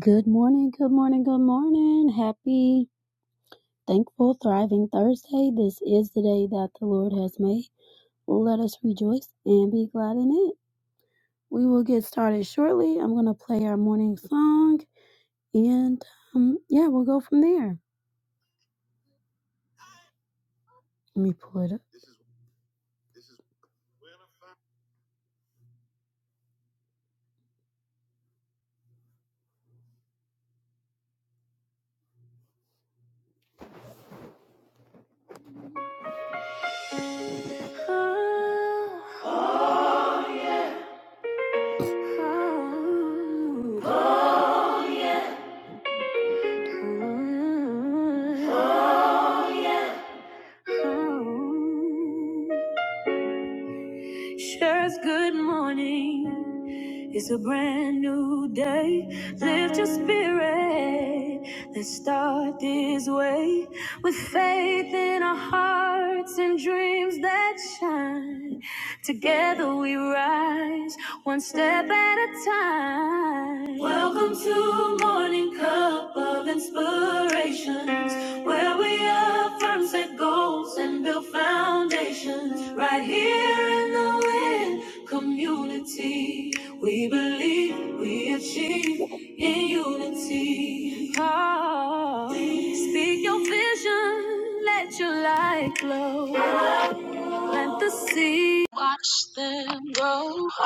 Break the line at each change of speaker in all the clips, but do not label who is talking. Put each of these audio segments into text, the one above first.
Good morning, good morning, good morning. Happy, thankful, thriving Thursday. This is the day that the Lord has made. Let us rejoice and be glad in it. We will get started shortly. I'm going to play our morning song and um, yeah, we'll go from there. Let me pull it up. Shares. good morning. It's a brand new day. Lift your spirit. Let's start this way with faith in our hearts and dreams that shine. Together we rise, one step at a time. Welcome to Morning Cup of Inspirations, where we affirm set goals and build foundations right here in the wind Community, we believe we achieve in unity. Oh, speak your vision, let your light glow. Let the seed then grow. Oh,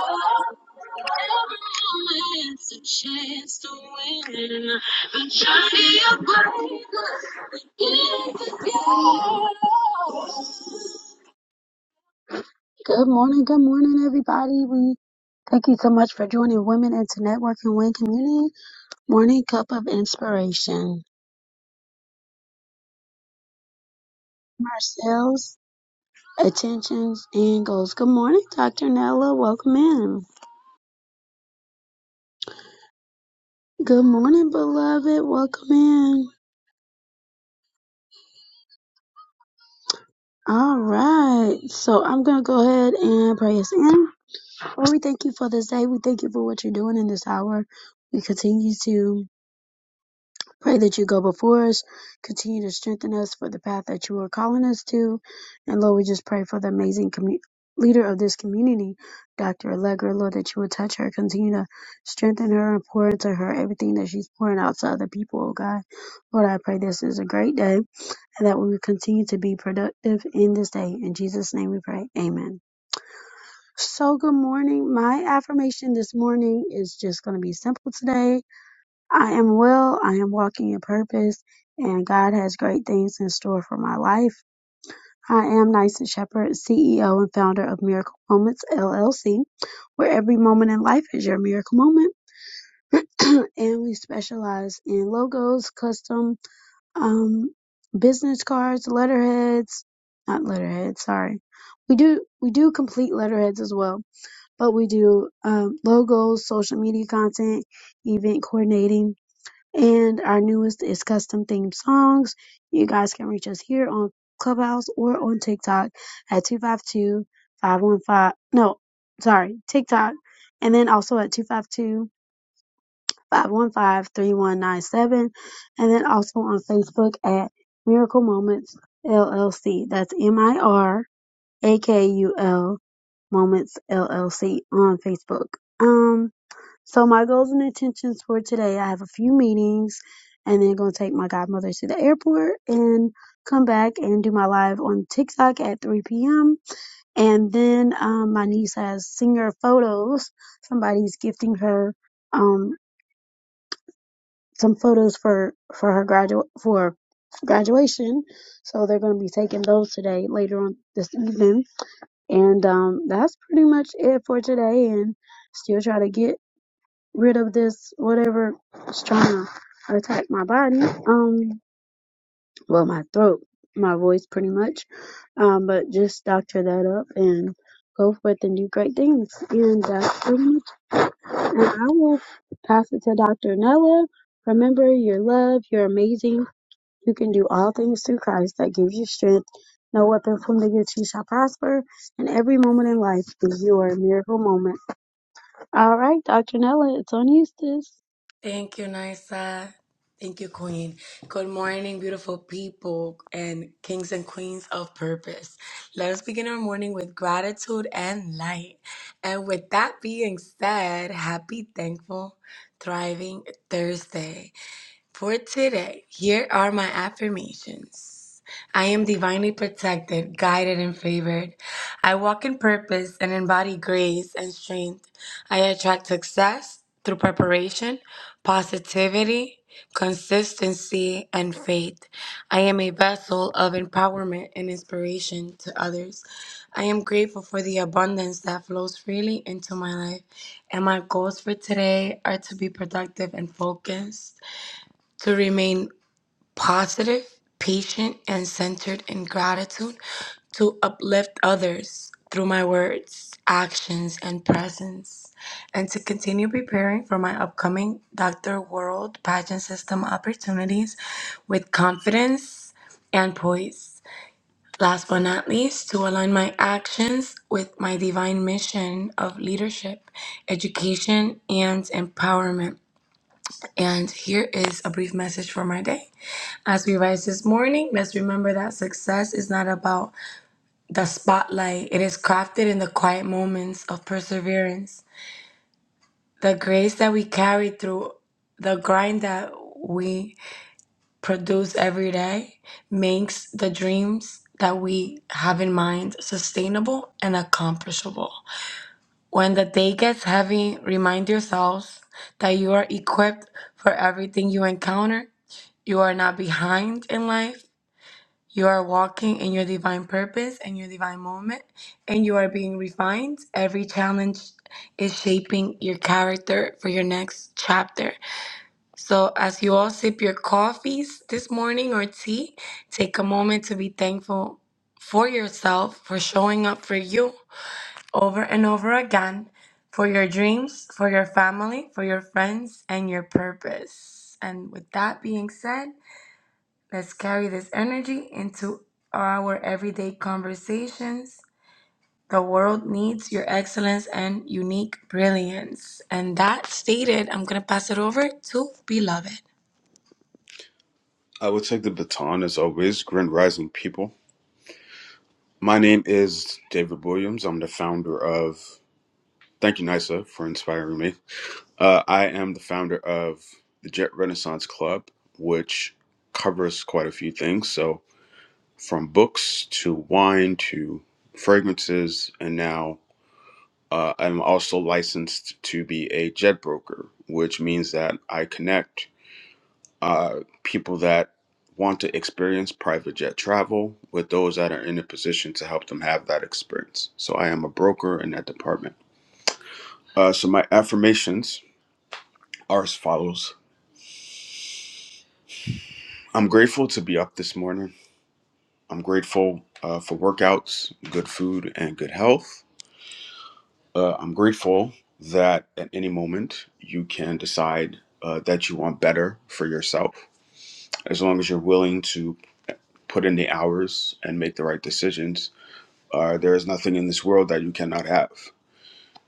it's a chance to win. The journey of greatness is the goal. Good morning, good morning, everybody. We thank you so much for joining Women into Network and Win Community Morning Cup of Inspiration. Ourselves, attentions, and goals. Good morning, Dr. Nella. Welcome in. Good morning, beloved. Welcome in. All right. So I'm going to go ahead and pray us in. Lord, we thank you for this day. We thank you for what you're doing in this hour. We continue to. Pray that you go before us, continue to strengthen us for the path that you are calling us to. And Lord, we just pray for the amazing commu- leader of this community, Dr. Allegra, Lord, that you would touch her, continue to strengthen her and pour into her everything that she's pouring out to other people, oh God. Lord, I pray this is a great day and that we will continue to be productive in this day. In Jesus' name we pray. Amen. So, good morning. My affirmation this morning is just going to be simple today I am well. I am walking in purpose, and God has great things in store for my life. I am Nyson Shepherd, CEO and founder of Miracle Moments LLC, where every moment in life is your miracle moment. and we specialize in logos, custom um, business cards, letterheads, not letterheads, sorry. We do we do complete letterheads as well, but we do um, logos, social media content, event coordinating, and our newest is custom themed songs. You guys can reach us here on Clubhouse or on TikTok at 252 515. No, sorry, TikTok. And then also at 252 515 3197, And then also on Facebook at Miracle Moments LLC. That's M I R A K U L Moments LLC on Facebook. Um, so my goals and intentions for today, I have a few meetings and then gonna take my godmother to the airport and come back and do my live on TikTok at 3 p.m. And then um, my niece has singer photos. Somebody's gifting her um, some photos for for her gradu for graduation. So they're gonna be taking those today later on this evening. And um, that's pretty much it for today. And still try to get rid of this whatever is trying to attack my body. Um, well, my throat, my voice, pretty much. Um, but just doctor that up and go forth and do great things. And that's pretty much. it. And I will pass it to Dr. Nella. Remember, you're loved. You're amazing. You can do all things through Christ that gives you strength. No weapon formed against you shall prosper. And every moment in life is your miracle moment. All right, Dr. Nella, it's on you, sis.
Thank you, Nisa. Thank you, Queen. Good morning, beautiful people and kings and queens of purpose. Let us begin our morning with gratitude and light. And with that being said, happy, thankful, thriving Thursday. For today, here are my affirmations. I am divinely protected, guided, and favored. I walk in purpose and embody grace and strength. I attract success through preparation, positivity, consistency, and faith. I am a vessel of empowerment and inspiration to others. I am grateful for the abundance that flows freely into my life, and my goals for today are to be productive and focused to remain positive, patient, and centered in gratitude, to uplift others through my words, actions, and presence, and to continue preparing for my upcoming Dr. World pageant system opportunities with confidence and poise. Last but not least, to align my actions with my divine mission of leadership, education, and empowerment. And here is a brief message for my day. As we rise this morning, let's remember that success is not about the spotlight. It is crafted in the quiet moments of perseverance. The grace that we carry through the grind that we produce every day makes the dreams that we have in mind sustainable and accomplishable. When the day gets heavy, remind yourselves that you are equipped for everything you encounter. You are not behind in life You are walking in your divine purpose and your divine moment, and you are being refined. Every challenge is shaping your character for your next chapter. So, as you all sip your coffees this morning or tea, take a moment to be thankful for yourself for showing up for you over and over again, for your dreams, for your family, for your friends, and your purpose. And with that being said, Let's carry this energy into our everyday conversations. The world needs your excellence and unique brilliance. And that stated, I'm going to pass it over to Beloved.
I will take the baton as always. Grand Rising people. My name is David Williams. I'm the founder of. Thank you, NISA, for inspiring me. Uh, I am the founder of the Jet Renaissance Club, which covers quite a few things. So, from books to wine to fragrances, and now uh, I'm also licensed to be a jet broker, which means that I connect uh, people that want to experience private jet travel with those that are in a position to help them have that experience. So I am a broker in that department. Uh, so my affirmations are as follows I'm grateful to be up this morning. I'm grateful uh, for workouts, good food, and good health. Uh, I'm grateful that at any moment you can decide uh, that you want better for yourself. As long as you're willing to put in the hours and make the right decisions, Uh, there is nothing in this world that you cannot have.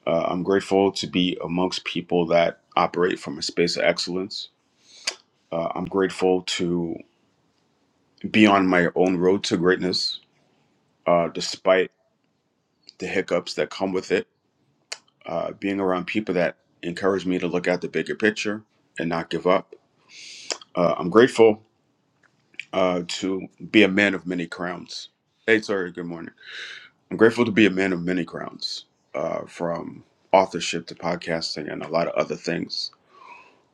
Uh, I'm grateful to be amongst people that operate from a space of excellence. Uh, I'm grateful to be on my own road to greatness, uh, despite the hiccups that come with it. Uh, being around people that encourage me to look at the bigger picture and not give up. Uh, I'm grateful uh, to be a man of many crowns. Hey, sorry, good morning. I'm grateful to be a man of many crowns, uh, from authorship to podcasting and a lot of other things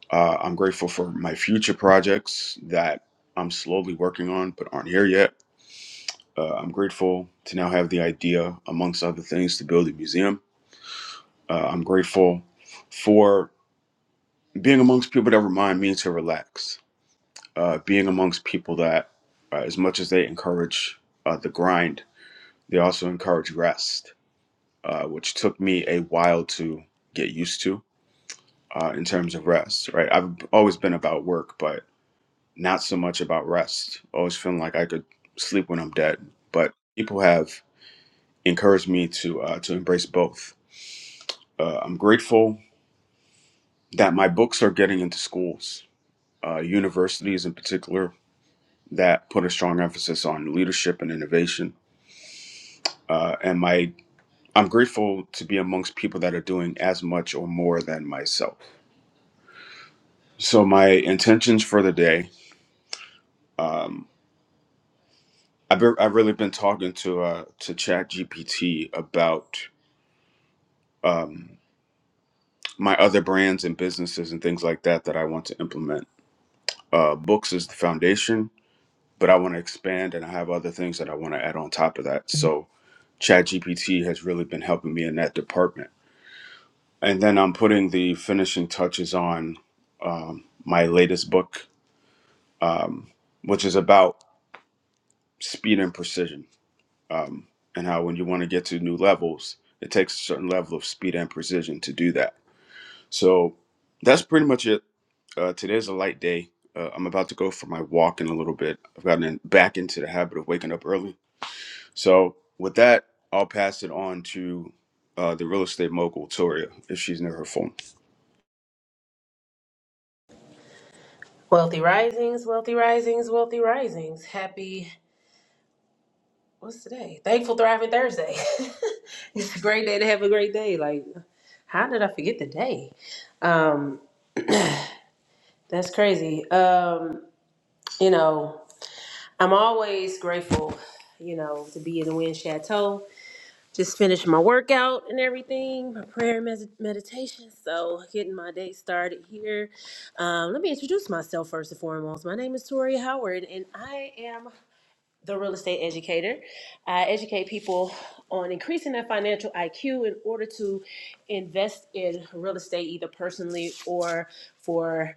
Uh, I'm grateful for my future projects that I'm slowly working on but aren't here yet. Uh, I'm grateful to now have the idea, amongst other things, to build a museum. Uh, I'm grateful for being amongst people that remind me to relax, uh, being amongst people that, uh, as much as they encourage uh, the grind, they also encourage rest, uh, which took me a while to get used to uh, in terms of rest, right? I've always been about work, but not so much about rest, always feeling like I could sleep when I'm dead. But people have encouraged me to uh, to embrace both. Uh, I'm grateful that my books are getting into schools, uh, universities in particular, that put a strong emphasis on leadership and innovation. Uh, and my I'm grateful to be amongst people that are doing as much or more than myself. So my intentions for the day, um, I've, been, I've really been talking to uh, to ChatGPT GPT about. um, my other brands and businesses and things like that that I want to implement. Uh, books is the foundation, but I want to expand and I have other things that I want to add on top of that. So ChatGPT has really been helping me in that department. And then I'm putting the finishing touches on um, my latest book, um, which is about speed and precision um, and how when you want to get to new levels, it takes a certain level of speed and precision to do that So that's pretty much it. Uh, today's a light day. Uh, I'm about to go for my walk in a little bit. I've gotten in, back into the habit of waking up early. So with that, I'll pass it on to uh, the real estate mogul Toria if she's near her phone.
Wealthy risings, wealthy risings, wealthy risings. Happy, what's today? Thankful, thriving Thursday. it's a great day to have a great day. Like, how did I forget the day? Um, that's crazy. Um, you know, I'm always grateful, you know, to be in the Wind Chateau. Just finished my workout and everything, my prayer and mes- meditation. So, getting my day started here. Um, let me introduce myself first and foremost. My name is Tori Howard, and I am the real estate educator. I educate people on increasing their financial IQ in order to invest in real estate, either personally or for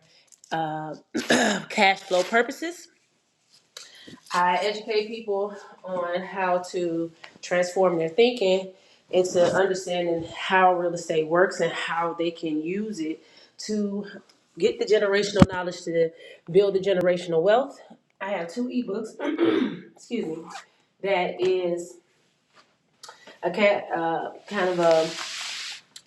uh, cash flow purposes. I educate people on how to transform their thinking into understanding how real estate works and how they can use it to get the generational knowledge to build the generational wealth. I have two ebooks excuse me, that is a uh, kind of a,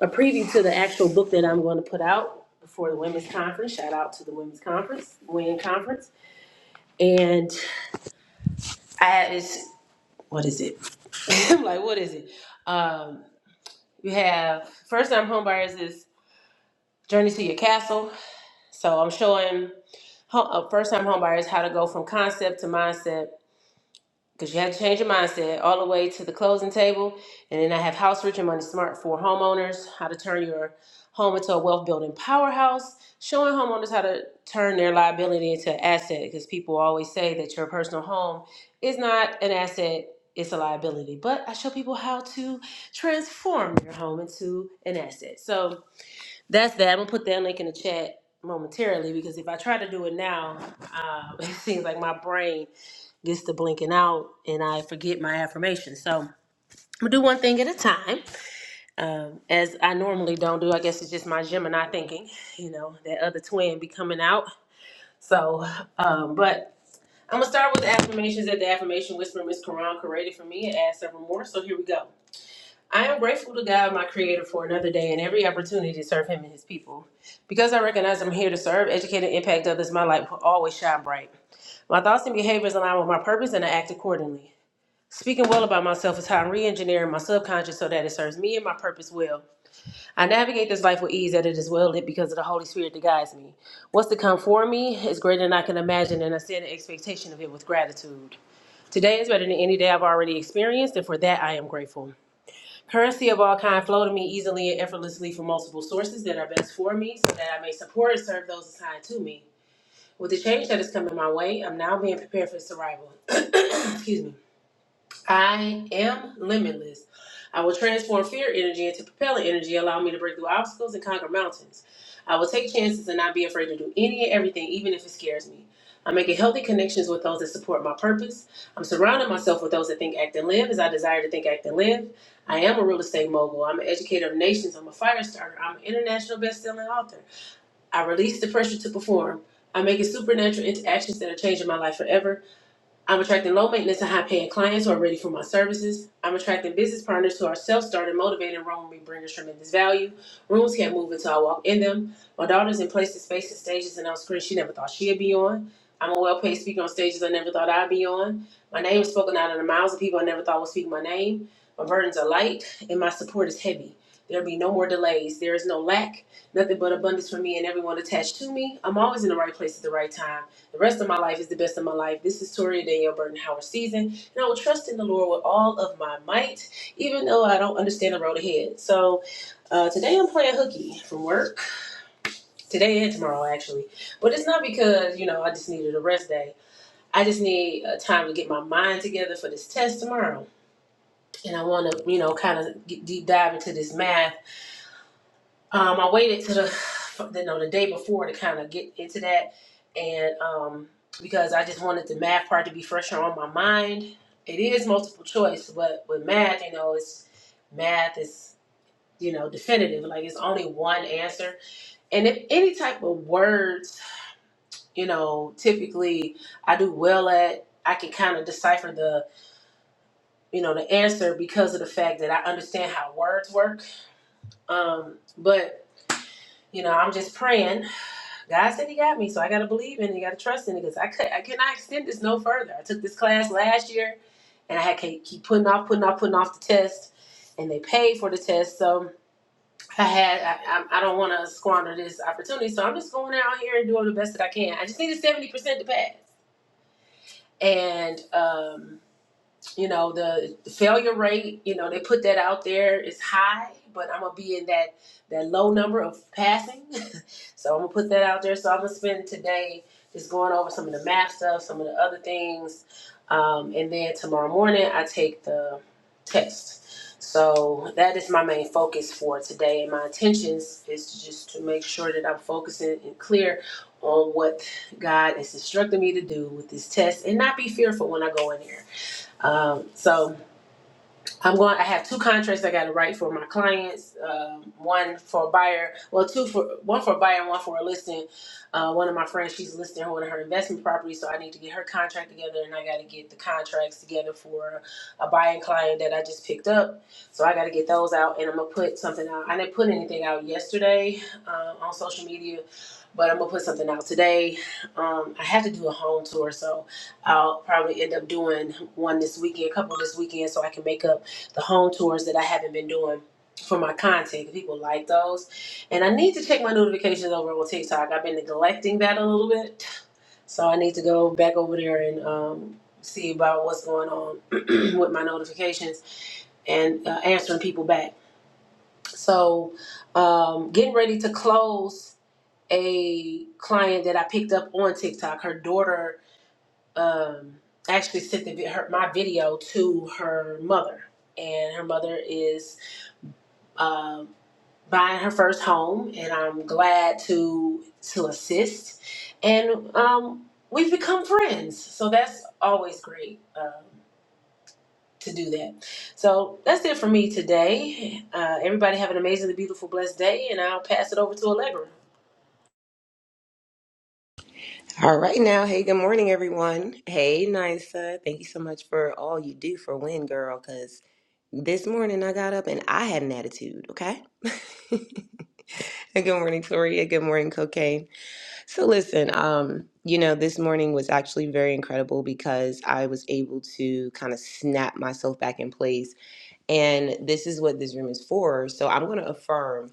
a preview to the actual book that I'm going to put out for the women's conference. Shout out to the women's conference, women conference, and I it's what is it? I'm like, what is it? Um, you have first time homebuyers is journey to your castle. So I'm showing ho- uh, first time homebuyers how to go from concept to mindset because you have to change your mindset all the way to the closing table. And then I have House Rich and Money Smart for homeowners, how to turn your home into a wealth building powerhouse, showing homeowners how to turn their liability into an asset because people always say that your personal home is not an asset. It's a liability, but I show people how to transform their home into an asset. So that's that. I'm gonna put that link in the chat momentarily because if I try to do it now, um, it seems like my brain gets to blinking out and I forget my affirmation. So I'm gonna do one thing at a time, um, as I normally don't do. I guess it's just my Gemini thinking, you know, that other twin be coming out. So, um, but I'm gonna start with the affirmations that the affirmation whisperer Miss Quran created for me and add several more. So here we go. I am grateful to God, my Creator, for another day and every opportunity to serve Him and His people. Because I recognize I'm here to serve, educate, and impact others, my light will always shine bright. My thoughts and behaviors align with my purpose, and I act accordingly. Speaking well about myself is how I'm re-engineering my subconscious so that it serves me and my purpose well. I navigate this life with ease that it is well lit because of the Holy Spirit that guides me. What's to come for me is greater than I can imagine, and I stand in expectation of it with gratitude. Today is better than any day I've already experienced, and for that I am grateful. Currency of all kind flow to me easily and effortlessly from multiple sources that are best for me, so that I may support and serve those assigned to me. With the change that is coming my way, I'm now being prepared for its arrival. Excuse me. I am limitless. I will transform fear energy into propellant energy, allow me to break through obstacles and conquer mountains. I will take chances and not be afraid to do any and everything, even if it scares me. I'm making healthy connections with those that support my purpose. I'm surrounding myself with those that think, act, and live as I desire to think, act, and live. I am a real estate mogul. I'm an educator of nations. I'm a fire starter. I'm an international best-selling author. I release the pressure to perform. I'm making supernatural interactions that are changing my life forever. I'm attracting low maintenance and high paying clients who are ready for my services. I'm attracting business partners who are self started, motivated, and room me bringers tremendous value. Rooms can't move until I walk in them. My daughter's in places, spaces, stages, and on screens she never thought she'd be on. I'm a well paid speaker on stages I never thought I'd be on. My name is spoken out of the mouths of people I never thought would speak my name. My burdens are light and my support is heavy. There'll be no more delays. There is no lack, nothing but abundance for me and everyone attached to me. I'm always in the right place at the right time. The rest of my life is the best of my life. This is Toria Danielle Burton Howard season, and I will trust in the Lord with all of my might, even though I don't understand the road ahead. So uh, today I'm playing hooky from work, today and tomorrow actually. But it's not because you know I just needed a rest day. I just need uh, time to get my mind together for this test tomorrow, and I want to you know kind of deep dive into this math Um, I waited to the, you know, the day before to kind of get into that, and um, because I just wanted the math part to be fresher on my mind. It is multiple choice, but with math, you know, it's math is you know definitive. Like it's only one answer, and if any type of words, you know, typically I do well at. I can kind of decipher the you know the answer because of the fact that I understand how words work. Um, but you know, I'm just praying God said He got me, so I gotta believe in it. I gotta trust in it because I could I cannot extend this no further. I took this class last year and I had to keep putting off, putting off, putting off the test, and they paid for the test. So I had I, I, I don't want to squander this opportunity. So I'm just going out here and doing the best that I can. I just need a seventy percent to pass, and um you know the failure rate you know they put that out there is high but i'm gonna be in that that low number of passing so i'm gonna put that out there so i'm gonna spend today just going over some of the math stuff some of the other things um, and then tomorrow morning i take the test so that is my main focus for today and my intentions is to just to make sure that i'm focusing and clear on what god is instructing me to do with this test and not be fearful when i go in there um, so I'm going. I have two contracts I got to write for my clients. Um, one for a buyer. Well, two for one for a buyer and one for a listing. Uh, one of my friends, she's listing one of her investment properties, so I need to get her contract together, and I got to get the contracts together for a buying client that I just picked up. So I got to get those out, and I'm gonna put something out. I didn't put anything out yesterday um, on social media but I'm gonna put something out today. Um, I have to do a home tour, so I'll probably end up doing one this weekend, a couple this weekend, so I can make up the home tours that I haven't been doing for my content. People like those, and I need to check my notifications over on TikTok. I've been neglecting that a little bit, so I need to go back over there and um, see about what's going on with my notifications and uh, answering people back. So, um, getting ready to close a client that I picked up on TikTok. Her daughter um, actually sent the, her, my video to her mother, and her mother is um, buying her first home, and I'm glad to to assist. And um, we've become friends, so that's always great. Um, to do that. So that's it for me today. Uh, everybody have an amazingly beautiful, blessed day, and I'll pass it over to Allegra.
All right now. Hey, good morning, everyone. Hey, Nisa. Thank you so much for all you do for Win Girl, because this morning I got up and I had an attitude, okay? good morning, Toria. Good morning, Cocaine. So listen, um, you know, this morning was actually very incredible because I was able to kind of snap myself back in place. And this is what this room is for. So I'm gonna affirm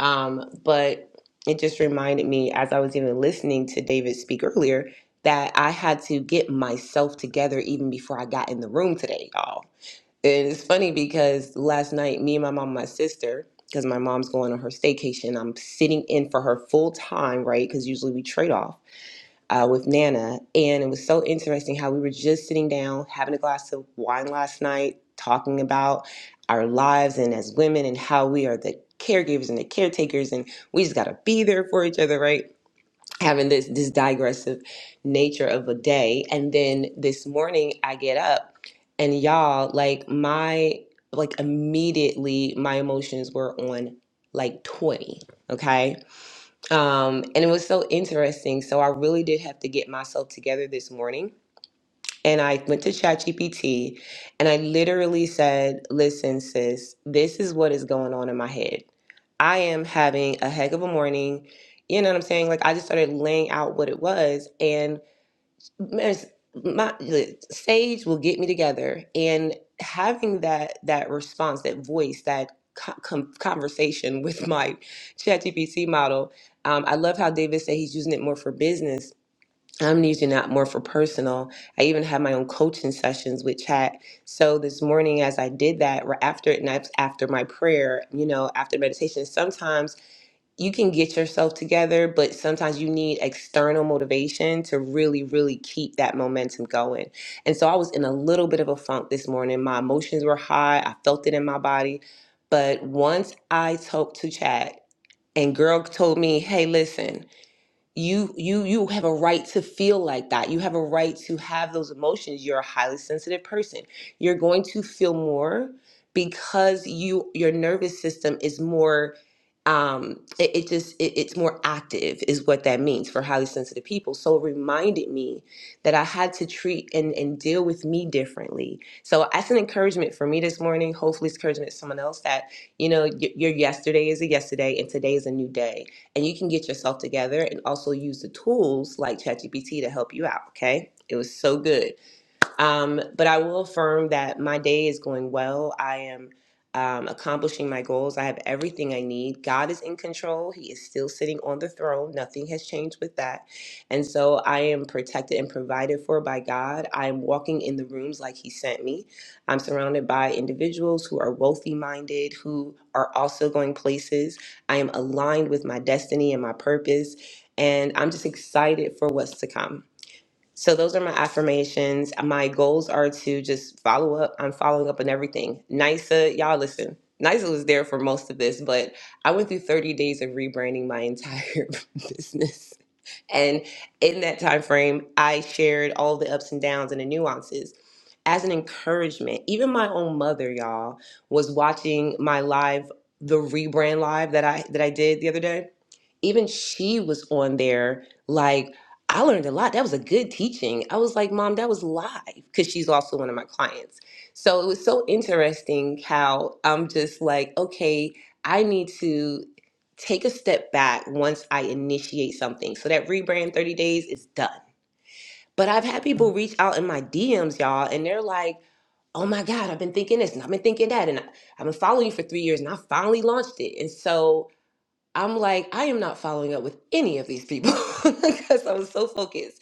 um, but it just reminded me as I was even listening to David speak earlier that I had to get myself together even before I got in the room today, y'all. And it's funny because last night, me and my mom, and my sister, because my mom's going on her staycation, I'm sitting in for her full time, right? Because usually we trade off uh, with Nana, and it was so interesting how we were just sitting down having a glass of wine last night, talking about our lives and as women and how we are the caregivers and the caretakers, and we just gotta be there for each other, right? Having this this digressive nature of a day, and then this morning I get up, and y'all like my like immediately my emotions were on like twenty, okay um, and it was so interesting. So I really did have to get myself together this morning. And I went to ChatGPT and I literally said, Listen, sis, this is what is going on in my head. I am having a heck of a morning. You know what I'm saying? Like I just started laying out what it was. and." Miss- my the sage will get me together and having that that response that voice that co- com- conversation with my ChatGPT model um, i love how david said he's using it more for business i'm using that more for personal i even have my own coaching sessions with chat so this morning as i did that right after it and that's after my prayer you know after meditation sometimes you can get yourself together, but sometimes you need external motivation to really, really keep that momentum going. And so I was in a little bit of a funk this morning. My emotions were high, I felt it in my body. But once I talked to Chad, and girl told me, hey, listen, you you you have a right to feel like that you have a right to have those emotions you're a highly sensitive person you're going to feel more because you your nervous system is more um it, it just it, it's more active is what that means for highly sensitive people so it reminded me that i had to treat and and deal with me differently so that's an encouragement for me this morning hopefully it's encouragement to someone else that you know y- your yesterday is a yesterday and today is a new day and you can get yourself together and also use the tools like ChatGPT to help you out. Okay. It was so good. Um, but I will affirm that my day is going well. I am um, accomplishing my goals. I have everything I need. God is in control. He is still sitting on the throne. Nothing has changed with that. And so I am protected and provided for by God. I am walking in the rooms like He sent me. I'm surrounded by individuals who are wealthy minded, who are also going places. I am aligned with my destiny and my purpose. And I'm just excited for what's to come. So those are my affirmations. My goals are to just follow up. I'm following up on everything. NYSA, y'all listen. NYSA was there for most of this, but I went through 30 days of rebranding my entire business. And in that time frame, I shared all the ups and downs and the nuances as an encouragement. Even my own mother, y'all, was watching my live, the rebrand live that I that I did the other day even she was on there like i learned a lot that was a good teaching i was like mom that was live because she's also one of my clients so it was so interesting how i'm just like okay i need to take a step back once i initiate something so that rebrand 30 days is done but i've had people reach out in my dms y'all and they're like oh my god i've been thinking this and i've been thinking that and I- i've been following you for three years and i finally launched it and so I'm like, I am not following up with any of these people because I was so focused.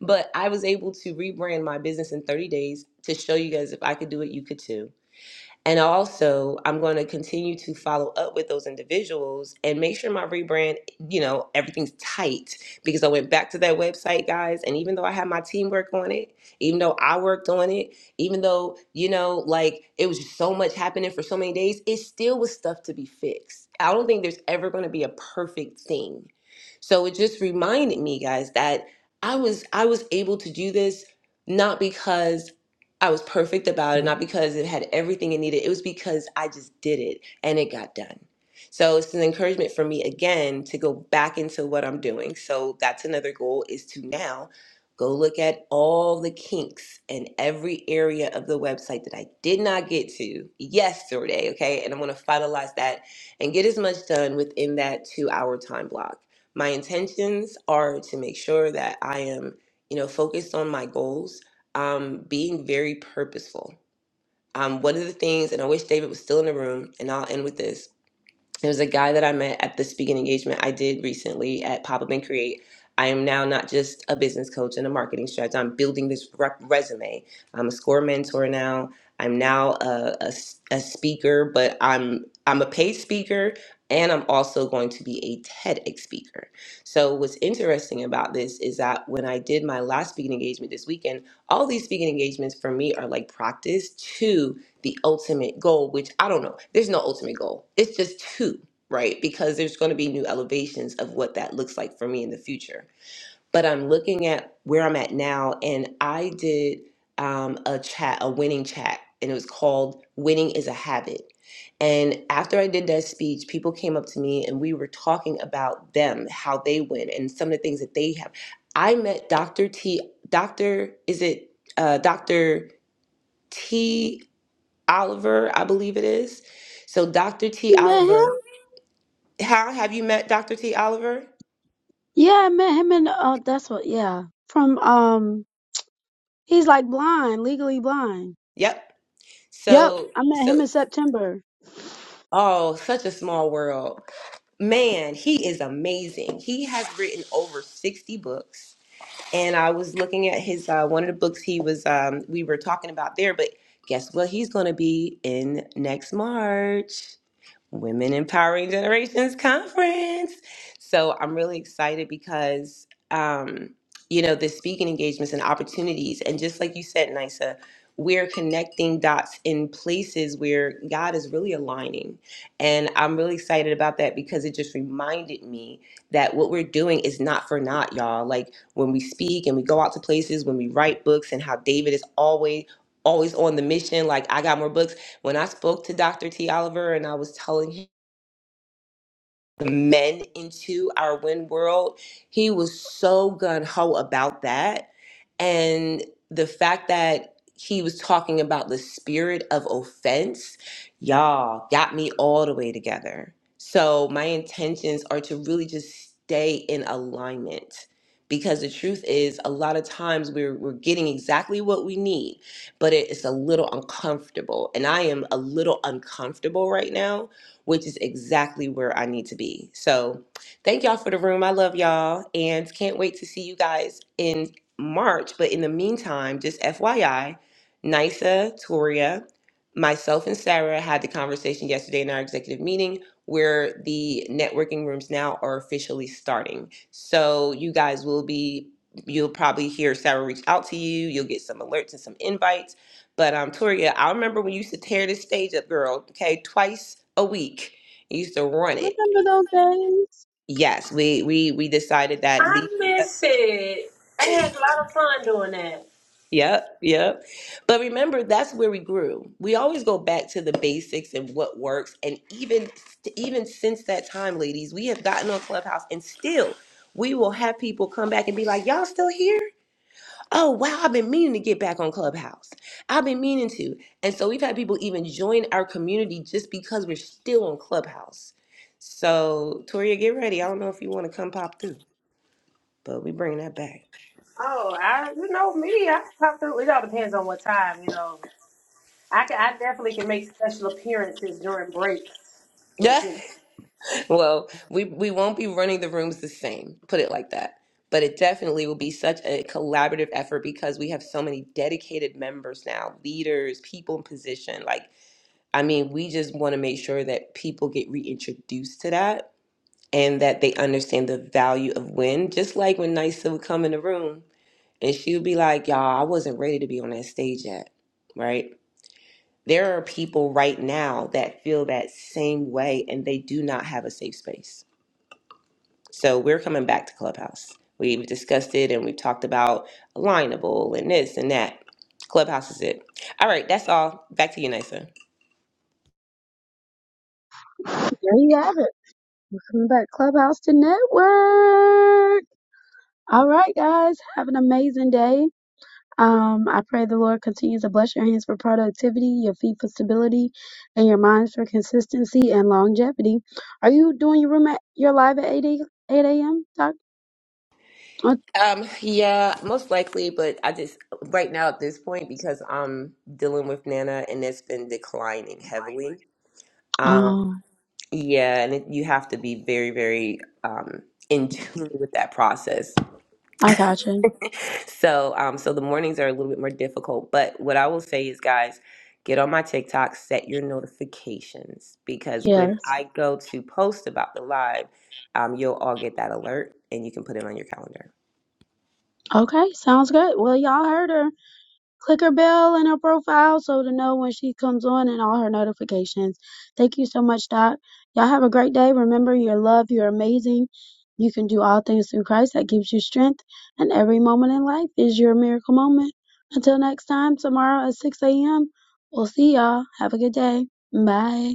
But I was able to rebrand my business in 30 days to show you guys if I could do it, you could too and also, I'm going to continue to follow up with those individuals and make sure my rebrand, you know, everything's tight because I went back to that website, guys. And even though I had my teamwork on it, even though I worked on it, even though, you know, like it was just so much happening for so many days, it still was stuff to be fixed. I don't think there's ever going to be a perfect thing. So it just reminded me, guys, that I was I was able to do this not because I was perfect about it, not because it had everything it needed. It was because I just did it and it got done. So it's an encouragement for me again to go back into what I'm doing. So that's another goal is to now go look at all the kinks in every area of the website that I did not get to yesterday. Okay. And I'm going to finalize that and get as much done within that two hour time block. My intentions are to make sure that I am, you know, focused on my goals um, being very purposeful. Um, one of the things, and I wish David was still in the room, and I'll end with this there's a guy that I met at the speaking engagement I did recently at Pop Up and Create. I am now not just a business coach and a marketing strategist. I'm building this rep- resume. I'm a score mentor now. I'm now a, a s- a speaker, but I'm I'm a paid speaker and I'm also going to be a TEDx speaker. So what's interesting about this is that when I did my last speaking engagement this weekend, all these speaking engagements for me are like practice too the ultimate goal, which I don't know. There's no ultimate goal. It's just two, right? Because there's going to be new elevations of what that looks like for me in the future. But I'm looking at where I'm at now, and I did um, a chat, a winning chat, and it was called Winning is a Habit. And after I did that speech, people came up to me and we were talking about them, how they win, and some of the things that they have. I met Dr. T, Dr. Is it uh, Dr. T? Oliver, I believe it is. So Dr. T.
Amen.
Oliver, how have you met Dr. T. Oliver?
Yeah, I met him in uh that's what yeah. From um he's like blind, legally blind.
Yep.
Yep.
So
I met
so
him in September.
oh, such a small world. Man, he is amazing. He has written over 60 books. And I was looking at his uh, one of the books he was um, we were talking about there, but guess what he's going to be in next March? Women Empowering Generations Conference. So I'm really excited because, um, you know, the speaking engagements and opportunities. And just like you said, Nisa, we're connecting dots in places where God is really aligning. And I'm really excited about that because it just reminded me that what we're doing is not for naught, y'all. Like when we speak and we go out to places, when we write books, and how David is always. Always on the mission, like I got more books. When I spoke to Dr. T. Oliver and I was telling him, men into our win world. He was so gun ho about that. And the fact that he was talking about the spirit of offense, y'all got me all the way together. So my intentions are to really just stay in alignment. Because the truth is, a lot of times we're, we're getting exactly what we need, but it is a little uncomfortable. And I am a little uncomfortable right now which is exactly where I need to be. So, thank y'all for the room. I love y'all and can't wait to see you guys in March. But in the meantime, just FYI, Nisa, Toria, myself, and Sarah had the conversation yesterday in our executive meeting where the networking rooms now are officially starting. So, you guys will be you'll probably hear Sarah reach out to you. You'll get some alerts and some invites but um, Toria, I remember when you used to tear this stage up, girl. Okay, twice a week, you used to run it.
Remember those days?
Yes, we we we decided that. Leave.
I miss it. I had a lot of fun doing that.
Yep, yep. But remember, that's where we grew. We always go back to the basics and what works. And even even since that time, ladies, we have gotten on Clubhouse, and still, we will have people come back and be like, "Y'all still here? Oh, wow, I've been meaning to get back on Clubhouse. I've been meaning to. And so we've had people even join our community just because we're still on Clubhouse. So, Toria, get ready. I don't know if you want to come pop through, but we bringing that back.
Oh, I you know me, I can pop through. It all depends on what time, you know. I can, I definitely can make special appearances during breaks, but
Yeah.
you know.
well, we, we won't be running the rooms the same, put it like that. But it definitely will be such a collaborative effort because we have so many dedicated members now, leaders, people in position. Like, I mean, we just want to make sure that people get reintroduced to that and that they understand the value of win, Just like when Nysa would come in the room and she would be like, Y'all, I wasn't ready to be on that stage yet, right? There are people right now that feel that same way and they do not have a safe space. So we're coming back to Clubhouse. We've discussed it and we've talked about alignable and this and that. Clubhouse is it. All right, that's all. Back to you, Nysa.
There you have it. Welcome back Clubhouse to Network. All right, guys. Have an amazing day. Um, I pray the Lord continues to bless your hands for productivity, your feet for stability, and your minds for consistency and longevity. Are you doing your room at your live at 8 a, 8 a.m. Doc?
Um, yeah, most likely, but I just right now at this point because I'm dealing with Nana and it's been declining heavily. Um,
Oh,
yeah, and it, you have to be very, very um in tune with that process.
I gotcha.
So, um, so the mornings are a little bit more difficult, but what I will say is, guys, get on my TikTok, set your notifications because when
Yes.
I go to post about the live, um, you'll all get that alert and you can put it on your calendar.
Okay, sounds good. Well, y'all heard her. Click her bell in her profile so to know when she comes on and all her notifications. Thank you so much, Doc. Y'all have a great day. Remember, you're loved, you're amazing. You can do all things through Christ that gives you strength, and every moment in life is your miracle moment. Until next time, tomorrow at 6 a.m., we'll see y'all. Have a good day. Bye.